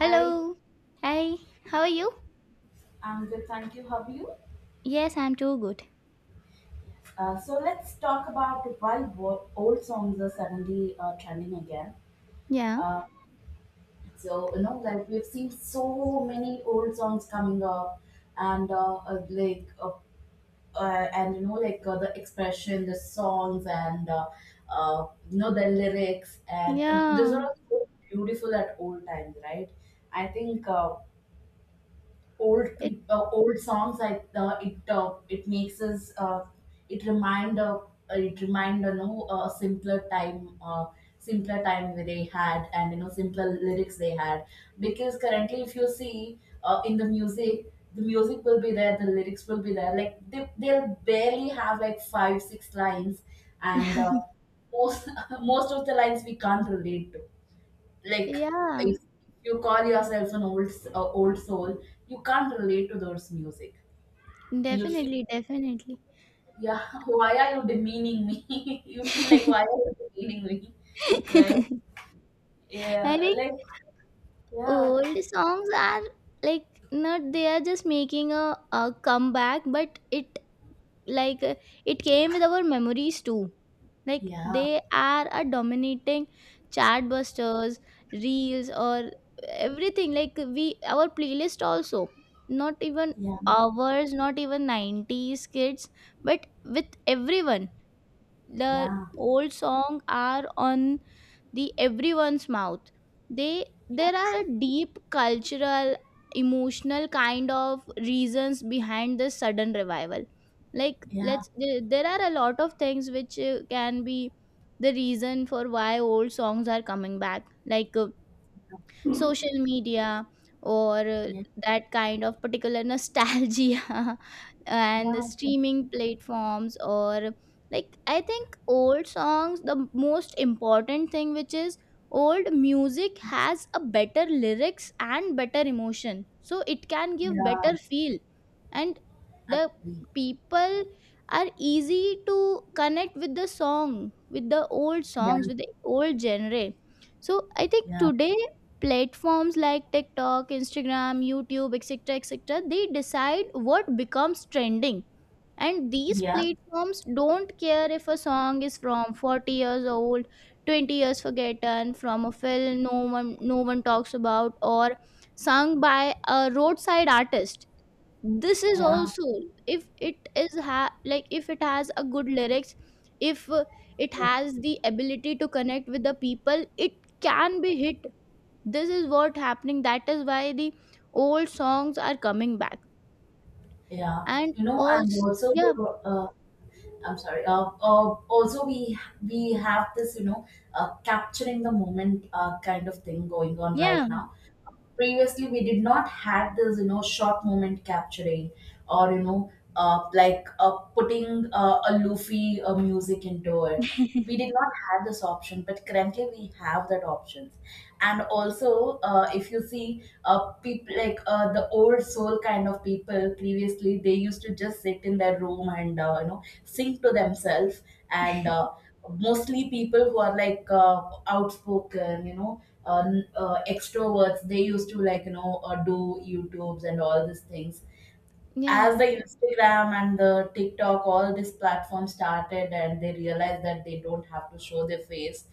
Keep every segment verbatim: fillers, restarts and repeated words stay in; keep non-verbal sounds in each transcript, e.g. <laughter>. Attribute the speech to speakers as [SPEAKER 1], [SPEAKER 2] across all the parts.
[SPEAKER 1] Hi,
[SPEAKER 2] Hi. How are you?
[SPEAKER 1] I'm good. Thank you. How are you?
[SPEAKER 2] Yes, I'm too good.
[SPEAKER 1] Uh, so let's talk about why wo- old songs are suddenly uh, trending again.
[SPEAKER 2] Yeah.
[SPEAKER 1] Uh, so you know, like we've seen so many old songs coming up, and uh, uh, like uh, uh, and you know, like uh, the expression, the songs, and uh, uh, you know the lyrics, and uh, those
[SPEAKER 2] Yeah.
[SPEAKER 1] are all so beautiful at old times, right? I think. Uh, old
[SPEAKER 2] It
[SPEAKER 1] peop uh, old songs, like uh, it uh, it makes us, uh, it remind uh, uh, it remind you know a simpler time, uh, simpler time they had, and you know simpler lyrics they had, because currently if you see, uh, in the music, the music will be there, the lyrics will be there, like they, they'll barely have like five six lines. And uh, most <laughs> most of the lines we can't relate to, like
[SPEAKER 2] yeah.
[SPEAKER 1] if you call yourself an old s- uh, old soul, you can't relate to those music. You feel,
[SPEAKER 2] Definitely, definitely.
[SPEAKER 1] yeah, <laughs> why are you demeaning me? <laughs> You feel like why are you demeaning me, right?
[SPEAKER 2] <laughs> I
[SPEAKER 1] Yeah,
[SPEAKER 2] think
[SPEAKER 1] like, yeah,
[SPEAKER 2] old songs are, like, not, they are just making a, a comeback, but it, like, uh, it came with our memories too, like
[SPEAKER 1] yeah,
[SPEAKER 2] they are a dominating chat busters, reels, or everything, like we, our playlist also, not even
[SPEAKER 1] yeah,
[SPEAKER 2] ours, not even nineties kids, but with everyone. The
[SPEAKER 1] yeah,
[SPEAKER 2] old song are on the everyone's mouth. They There
[SPEAKER 1] yeah,
[SPEAKER 2] are a deep cultural emotional kind of reasons behind this sudden revival, like
[SPEAKER 1] yeah,
[SPEAKER 2] let's there there are a lot of things which uh, can be the reason for why old songs are coming back, like uh, social media, or uh,
[SPEAKER 1] yeah,
[SPEAKER 2] that kind of particular nostalgia <laughs> and the
[SPEAKER 1] yeah, yeah,
[SPEAKER 2] streaming platforms, or like I think old songs, the most important thing which is old music has a better lyrics and better emotion, so it can give
[SPEAKER 1] yeah.
[SPEAKER 2] better feel. And
[SPEAKER 1] I
[SPEAKER 2] the
[SPEAKER 1] agree.
[SPEAKER 2] people are easy to connect with the song, with the old
[SPEAKER 1] Yeah,
[SPEAKER 2] songs, with the old genre. So I think
[SPEAKER 1] yeah,
[SPEAKER 2] today platforms like TikTok, Instagram, YouTube, et cetera, et cetera, they decide what becomes trending. And these
[SPEAKER 1] yeah,
[SPEAKER 2] platforms don't care if a song is from forty years old, twenty years forgotten, from a film no one no one talks about, or sung by a roadside artist. This is
[SPEAKER 1] yeah,
[SPEAKER 2] also, if it is ha- like if it has a good lyrics, if uh, it
[SPEAKER 1] yeah.
[SPEAKER 2] has the ability to connect with the people, it can be hit. This is what happening, that is why the old songs are coming back,
[SPEAKER 1] Yeah.
[SPEAKER 2] and
[SPEAKER 1] You know,
[SPEAKER 2] also.
[SPEAKER 1] and also
[SPEAKER 2] Yeah,
[SPEAKER 1] the, uh, I'm sorry. Uh, uh, also, we we have this, you know, uh, capturing the moment, uh, kind of thing going on right
[SPEAKER 2] yeah,
[SPEAKER 1] now. Previously we did not have this, you know short moment capturing, or you know uh, like, uh, putting, uh, a loofy, uh, music into it. We did not have this option, but currently we have that option. And also, uh, if you see, uh, people like, uh, the old soul kind of people, previously they used to just sit in their room and, uh, you know sing to themselves. And uh, mostly people who are like, uh, outspoken, you know uh, n- uh, extroverts, they used to like, you know uh, do youtubes and all these things.
[SPEAKER 2] yeah.
[SPEAKER 1] As the Instagram and the TikTok, all these platforms started, and they realized that they don't have to show their face.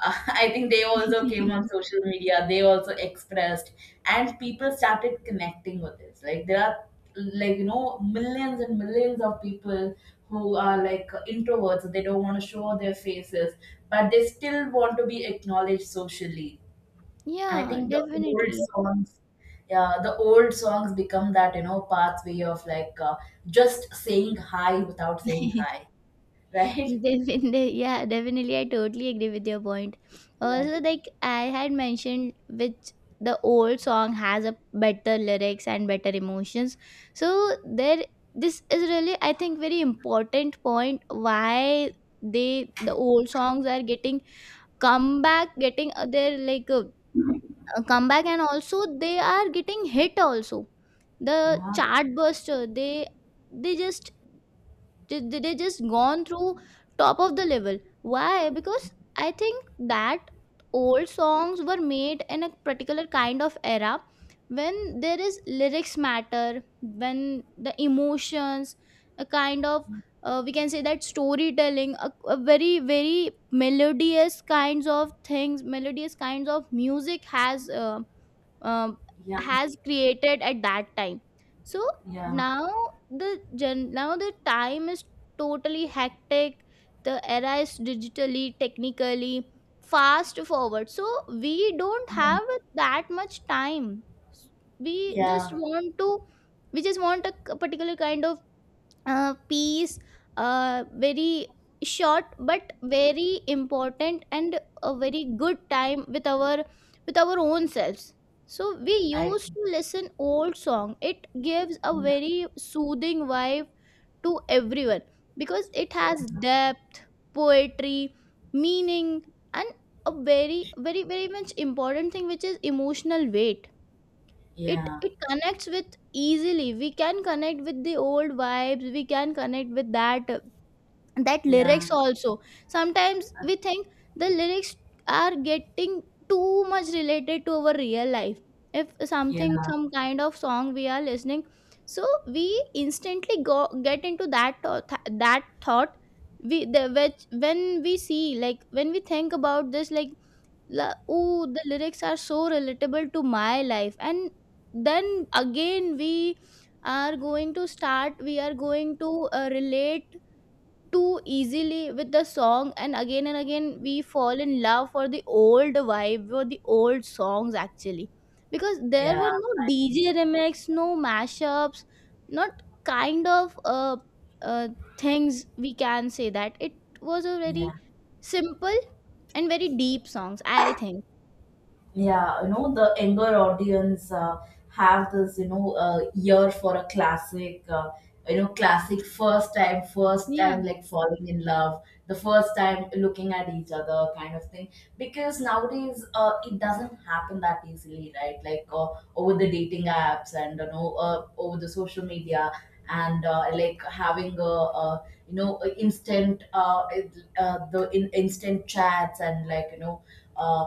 [SPEAKER 1] Uh, <laughs> I think they also came on
[SPEAKER 2] <laughs>
[SPEAKER 1] social media. They also expressed, and people started connecting with this. Like there are, like you know, millions and millions of people who are like introverts. They don't want to show their faces, but they still want to be acknowledged socially. I
[SPEAKER 2] Yeah,
[SPEAKER 1] think the old
[SPEAKER 2] definitely.
[SPEAKER 1] songs, yeah, the old songs become that, you know, pathway of like, uh, just saying hi without saying
[SPEAKER 2] <laughs>
[SPEAKER 1] hi, <laughs> right?
[SPEAKER 2] Definitely, yeah, definitely. I totally agree with your point.
[SPEAKER 1] Yeah,
[SPEAKER 2] Also, like I had mentioned, which the old song has a better lyrics and better emotions. So there, this is really, I think, very important point why they, the old songs are getting come back getting, uh, they're like uh, uh, come back, and also they are getting hit also. The
[SPEAKER 1] yeah,
[SPEAKER 2] chart burster, they they just they, they they just gone through top of the level. Why? Because I think that old songs were made in a particular kind of era, when there is lyrics matter, when the emotions, a kind of, uh, we can say, that storytelling, a, a very very melodious kinds of things, melodious kinds of music has uh, um,
[SPEAKER 1] yeah,
[SPEAKER 2] has created at that time. So
[SPEAKER 1] yeah,
[SPEAKER 2] now, the gen now the time is totally hectic. The era is digitally, technically fast forward, so we don't
[SPEAKER 1] yeah,
[SPEAKER 2] have that much time. we just
[SPEAKER 1] yeah.
[SPEAKER 2] want to we just want a particular kind of uh, piece, uh, very short but very important, and a very good time with our, with our own selves. So we
[SPEAKER 1] I think.
[SPEAKER 2] used to listen old song, it gives a
[SPEAKER 1] Yeah,
[SPEAKER 2] very soothing vibe to everyone, because it
[SPEAKER 1] yeah,
[SPEAKER 2] has depth, poetry, meaning, and a very very very much important thing which is emotional weight. it
[SPEAKER 1] yeah,
[SPEAKER 2] it connects with, easily we can connect with the old vibes, we can connect with that, that
[SPEAKER 1] yeah,
[SPEAKER 2] lyrics also. Sometimes we think the lyrics are getting too much related to our real life. If something,
[SPEAKER 1] yeah,
[SPEAKER 2] some kind of song we are listening, so we instantly go, get into that tho- th- that thought. We the which when we see like When we think about this, like, la, ooh, the lyrics are so relatable to my life. And then again, we are going to start we are going to uh, relate too easily with the song. And again and again we fall in love for the old vibe or the old songs, actually. Because there
[SPEAKER 1] yeah.
[SPEAKER 2] were no
[SPEAKER 1] I.
[SPEAKER 2] D J remix, no mashups, not kind of uh, uh things, we can say that it was a
[SPEAKER 1] Yeah.
[SPEAKER 2] very simple and very deep songs, I think.
[SPEAKER 1] Yeah, you know the younger audience, uh, have this, you know uh, ear for a classic, uh, you know classic, first time first time
[SPEAKER 2] Yeah,
[SPEAKER 1] like falling in love, the first time looking at each other kind of thing. Because nowadays, uh, it doesn't happen that easily, right? Like, uh, over the dating apps, and you know uh, over the social media, and uh, like having a, a you know a instant, uh, uh, the in, instant chats, and like you know uh,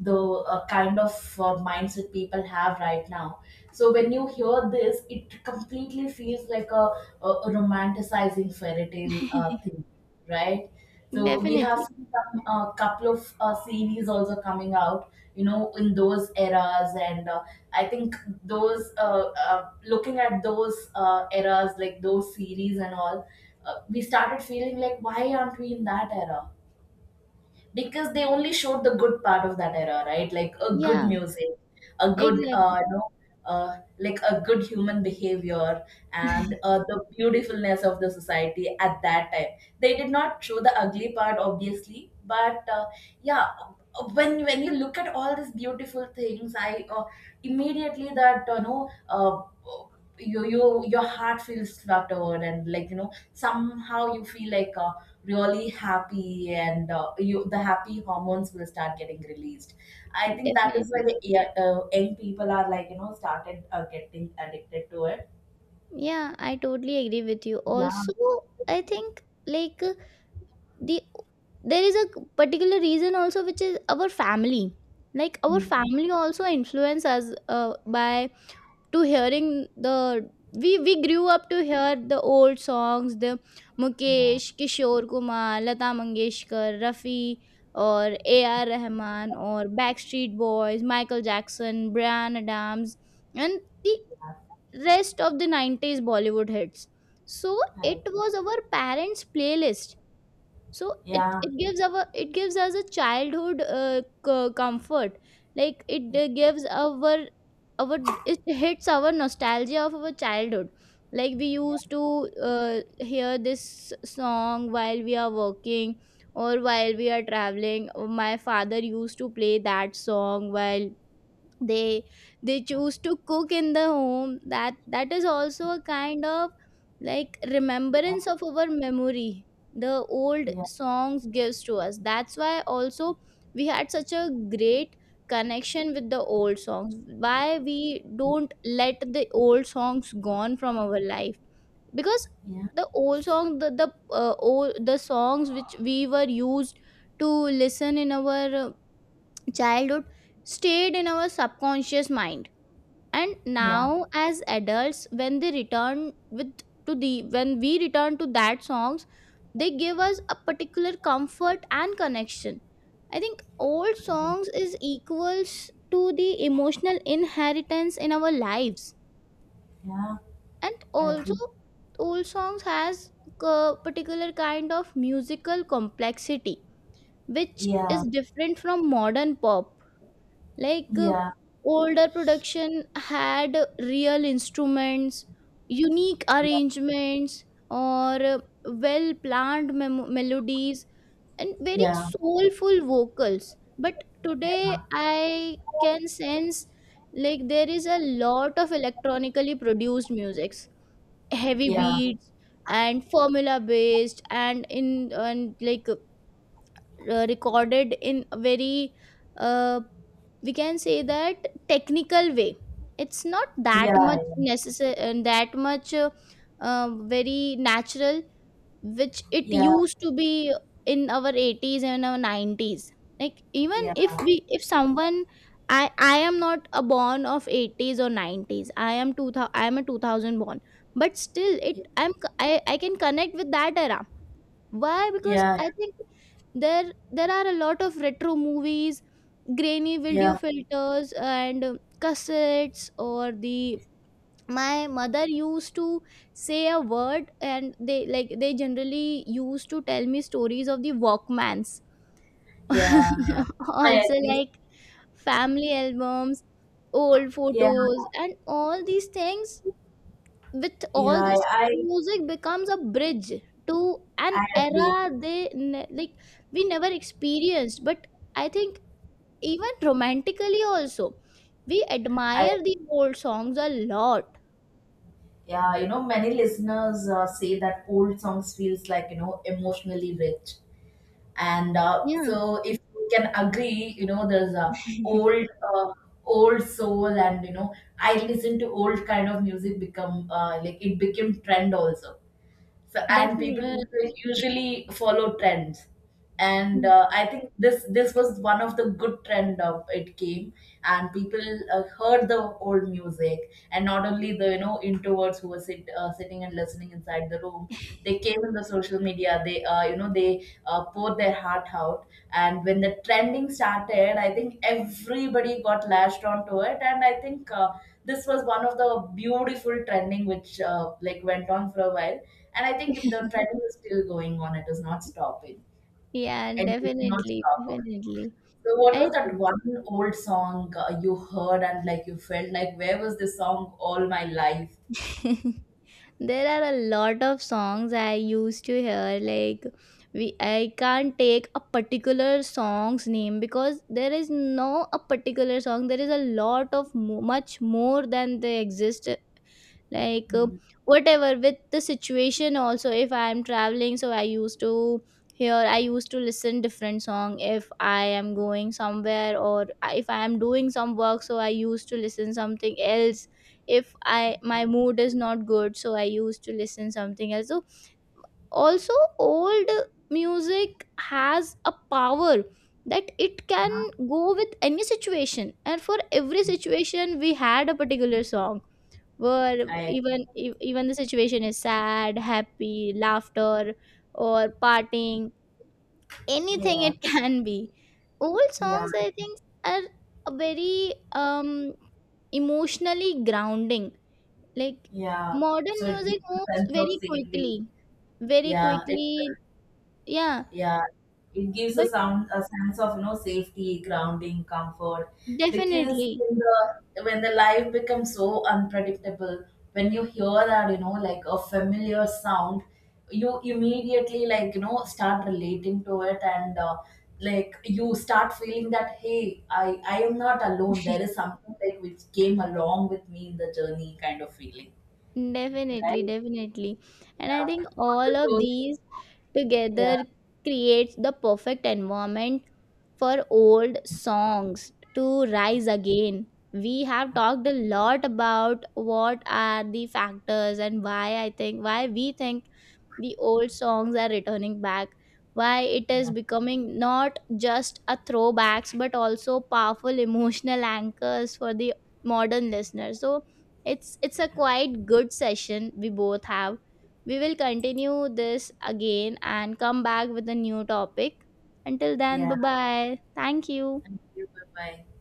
[SPEAKER 1] the, uh, kind of, uh, mindset people have right now. So when you hear this, it completely feels like a, a, a romanticizing fairy tale, uh, thing, right? So we have
[SPEAKER 2] definitely.
[SPEAKER 1] seen some, uh, couple of, uh, series also coming out, you know, in those eras, and uh, I think those, uh, uh, looking at those, uh, eras, like those series and all, uh, we started feeling like why aren't we in that era? Because they only showed the good part of that era, right? Like a good
[SPEAKER 2] Yeah,
[SPEAKER 1] music, a good,
[SPEAKER 2] exactly.
[SPEAKER 1] uh, you know, uh, like a good human behavior, and
[SPEAKER 2] <laughs>
[SPEAKER 1] uh, the beautifulness of the society at that time. They did not show the ugly part, obviously, but, uh, yeah, when when you look at all these beautiful things, I, uh, immediately that you know. Uh, you, you your heart feels fluttered, and like you know somehow you feel like, uh, really happy, and uh, you the happy hormones will start getting released. I think that is why
[SPEAKER 2] Definitely.
[SPEAKER 1] the, yeah, uh, young people are like you know started, uh, getting addicted to it.
[SPEAKER 2] Yeah, I totally agree with you.
[SPEAKER 1] Yeah.
[SPEAKER 2] Also, I think, like uh, the there is a particular reason also, which is our family. Like our
[SPEAKER 1] Mm.
[SPEAKER 2] family also influence us uh, by to hearing the, we we grew up to hear the old songs, the
[SPEAKER 1] Yeah,
[SPEAKER 2] Mukesh, Kishore Kumar, Lata Mangeshkar, Rafi, or A R Rahman, or Backstreet Boys, Michael Jackson, Brian Adams, and the
[SPEAKER 1] yeah.
[SPEAKER 2] rest of the nineties Bollywood hits. So
[SPEAKER 1] I-
[SPEAKER 2] it was our parents playlist. So it
[SPEAKER 1] yeah,
[SPEAKER 2] it gives our, it gives us a childhood uh, co- comfort. Like it uh, gives our our it hits our nostalgia of our childhood. Like we
[SPEAKER 1] yeah,
[SPEAKER 2] used to uh, hear this song while we are working, or while we are traveling. My father used to play that song while they they choose to cook in the home. That, that is also a kind of like remembrance of our memory the old
[SPEAKER 1] yeah,
[SPEAKER 2] songs gives to us. That's why also we had such a great connection with the old songs, why we don't let the old songs gone from our life. Because
[SPEAKER 1] yeah,
[SPEAKER 2] the old song, the the uh, old, the songs which we were used to listen in our uh, childhood, stayed in our subconscious mind. And
[SPEAKER 1] yeah, yeah.
[SPEAKER 2] now as adults, when they return with to the when we return to that songs, they give us a particular comfort and connection. I think old
[SPEAKER 1] I agree.
[SPEAKER 2] songs is equals to the emotional inheritance in our lives.
[SPEAKER 1] Yeah.
[SPEAKER 2] And
[SPEAKER 1] I
[SPEAKER 2] also,
[SPEAKER 1] agree.
[SPEAKER 2] old songs has a particular kind of musical complexity, which is
[SPEAKER 1] Yeah,
[SPEAKER 2] different from modern pop. Like uh,
[SPEAKER 1] yeah,
[SPEAKER 2] older production had real instruments, unique arrangements, or uh, well planned mem- melodies, and very
[SPEAKER 1] yeah,
[SPEAKER 2] soulful vocals. But today I can sense, like, there is a lot of electronically produced musics, heavy
[SPEAKER 1] yeah, yeah,
[SPEAKER 2] beats, and formula based, and in and like uh, recorded in a very, uh, we can say, that technical way. It's not that much
[SPEAKER 1] yeah,
[SPEAKER 2] necessary, that much uh, uh, very natural, which it
[SPEAKER 1] yeah,
[SPEAKER 2] used to be in our eighties and our nineties. Like, even
[SPEAKER 1] yeah,
[SPEAKER 2] if we, if someone, i i am not a born of eighties or nineties. i am two thousand I am a two thousand born. But still, it I'm c- I I can connect with that era. Why? Because
[SPEAKER 1] yeah, yeah,
[SPEAKER 2] I think there there are a lot of retro movies, grainy
[SPEAKER 1] yeah,
[SPEAKER 2] video
[SPEAKER 1] yeah,
[SPEAKER 2] filters, and uh, cassettes, or the my mother used to say a word, and they like they generally used to tell me stories of the Walkmans
[SPEAKER 1] yeah, yeah.
[SPEAKER 2] <laughs>
[SPEAKER 1] I
[SPEAKER 2] also,
[SPEAKER 1] agree.
[SPEAKER 2] like, family albums, old
[SPEAKER 1] Yeah,
[SPEAKER 2] photos, and all these things. With all
[SPEAKER 1] yeah,
[SPEAKER 2] this,
[SPEAKER 1] I
[SPEAKER 2] music becomes a bridge to an
[SPEAKER 1] I agree.
[SPEAKER 2] era they ne- like we never experienced. But I think, even romantically also, we
[SPEAKER 1] I
[SPEAKER 2] admire the
[SPEAKER 1] agree.
[SPEAKER 2] old songs a lot.
[SPEAKER 1] Yeah, you know, many listeners, uh, say that old songs feels like you know emotionally rich, and uh,
[SPEAKER 2] Yeah.
[SPEAKER 1] so if you can agree, you know, there's a
[SPEAKER 2] <laughs>
[SPEAKER 1] old, uh, old soul, and you know, I listen to old kind of music become, uh, like it became trend also. So and people
[SPEAKER 2] Definitely.
[SPEAKER 1] will usually follow trends, and uh, I think this this was one of the good trend of it came. And people, uh, heard the old music, and not only the, you know introverts who were sit, uh, sitting and listening inside the room, they came in the social media, they, uh, you know they, uh, poured their heart out. And when the trending started, I think everybody got lashed onto it. And I think, uh, this was one of the beautiful trending which, uh, like went on for a while. And I think the trending is still going on, it is not stopping,
[SPEAKER 2] Yeah,
[SPEAKER 1] and it will not
[SPEAKER 2] definitely,
[SPEAKER 1] stop.
[SPEAKER 2] definitely.
[SPEAKER 1] So what
[SPEAKER 2] I
[SPEAKER 1] was that one old song, uh, you heard and like you felt like where was this song all my life?
[SPEAKER 2] think <laughs> there are a lot of songs I used to hear. Like, we I can't take a particular song's name, because there is no a particular song. There is a lot of mo- much more than they exist. Like uh,
[SPEAKER 1] Mm.
[SPEAKER 2] whatever, with the situation also. If I am traveling, so i used to hear I used to listen different song. If I am going somewhere, or if I am doing some work, so I used to listen something else. If I, my mood is not good, so I used to listen something else. So also, old music has a power that it can go with any situation, and for every situation we had a particular song. Where
[SPEAKER 1] I.
[SPEAKER 2] even e- even the situation is sad, happy, laughter, or partying, anything,
[SPEAKER 1] Yeah,
[SPEAKER 2] it <laughs> can be. Old
[SPEAKER 1] yeah.
[SPEAKER 2] songs, I think, are a very um emotionally grounding, like
[SPEAKER 1] Yeah,
[SPEAKER 2] modern
[SPEAKER 1] so it gives
[SPEAKER 2] music
[SPEAKER 1] a
[SPEAKER 2] moves
[SPEAKER 1] sense of
[SPEAKER 2] very
[SPEAKER 1] safety.
[SPEAKER 2] quickly very
[SPEAKER 1] Yeah, it,
[SPEAKER 2] quickly Yeah,
[SPEAKER 1] yeah, it gives a
[SPEAKER 2] but
[SPEAKER 1] sound, a sense of you know safety, grounding, comfort. Because
[SPEAKER 2] definitely.
[SPEAKER 1] in the, when the life becomes so unpredictable, when you hear that you know like a familiar sound, you immediately like you know start relating to it and. Uh, like you start feeling that, hey, i i am not alone, there is something like which came along with me in the journey kind of feeling,
[SPEAKER 2] Definitely,
[SPEAKER 1] right?
[SPEAKER 2] definitely. And I
[SPEAKER 1] Yeah.
[SPEAKER 2] think
[SPEAKER 1] For the
[SPEAKER 2] all of
[SPEAKER 1] closing.
[SPEAKER 2] these
[SPEAKER 1] Yeah.
[SPEAKER 2] together creates the perfect environment for old songs to rise again. We have talked a lot about what are the factors, and why I think, why we think the old songs are returning back, why it is
[SPEAKER 1] Yeah.
[SPEAKER 2] becoming not just a throwbacks but also powerful <laughs> emotional anchors for the modern listener. So it's it's a quite good session we both have. We will continue this again and come back with a new topic. Until then, bye
[SPEAKER 1] Yeah.
[SPEAKER 2] bye, thank you.
[SPEAKER 1] Thank you. Bye bye.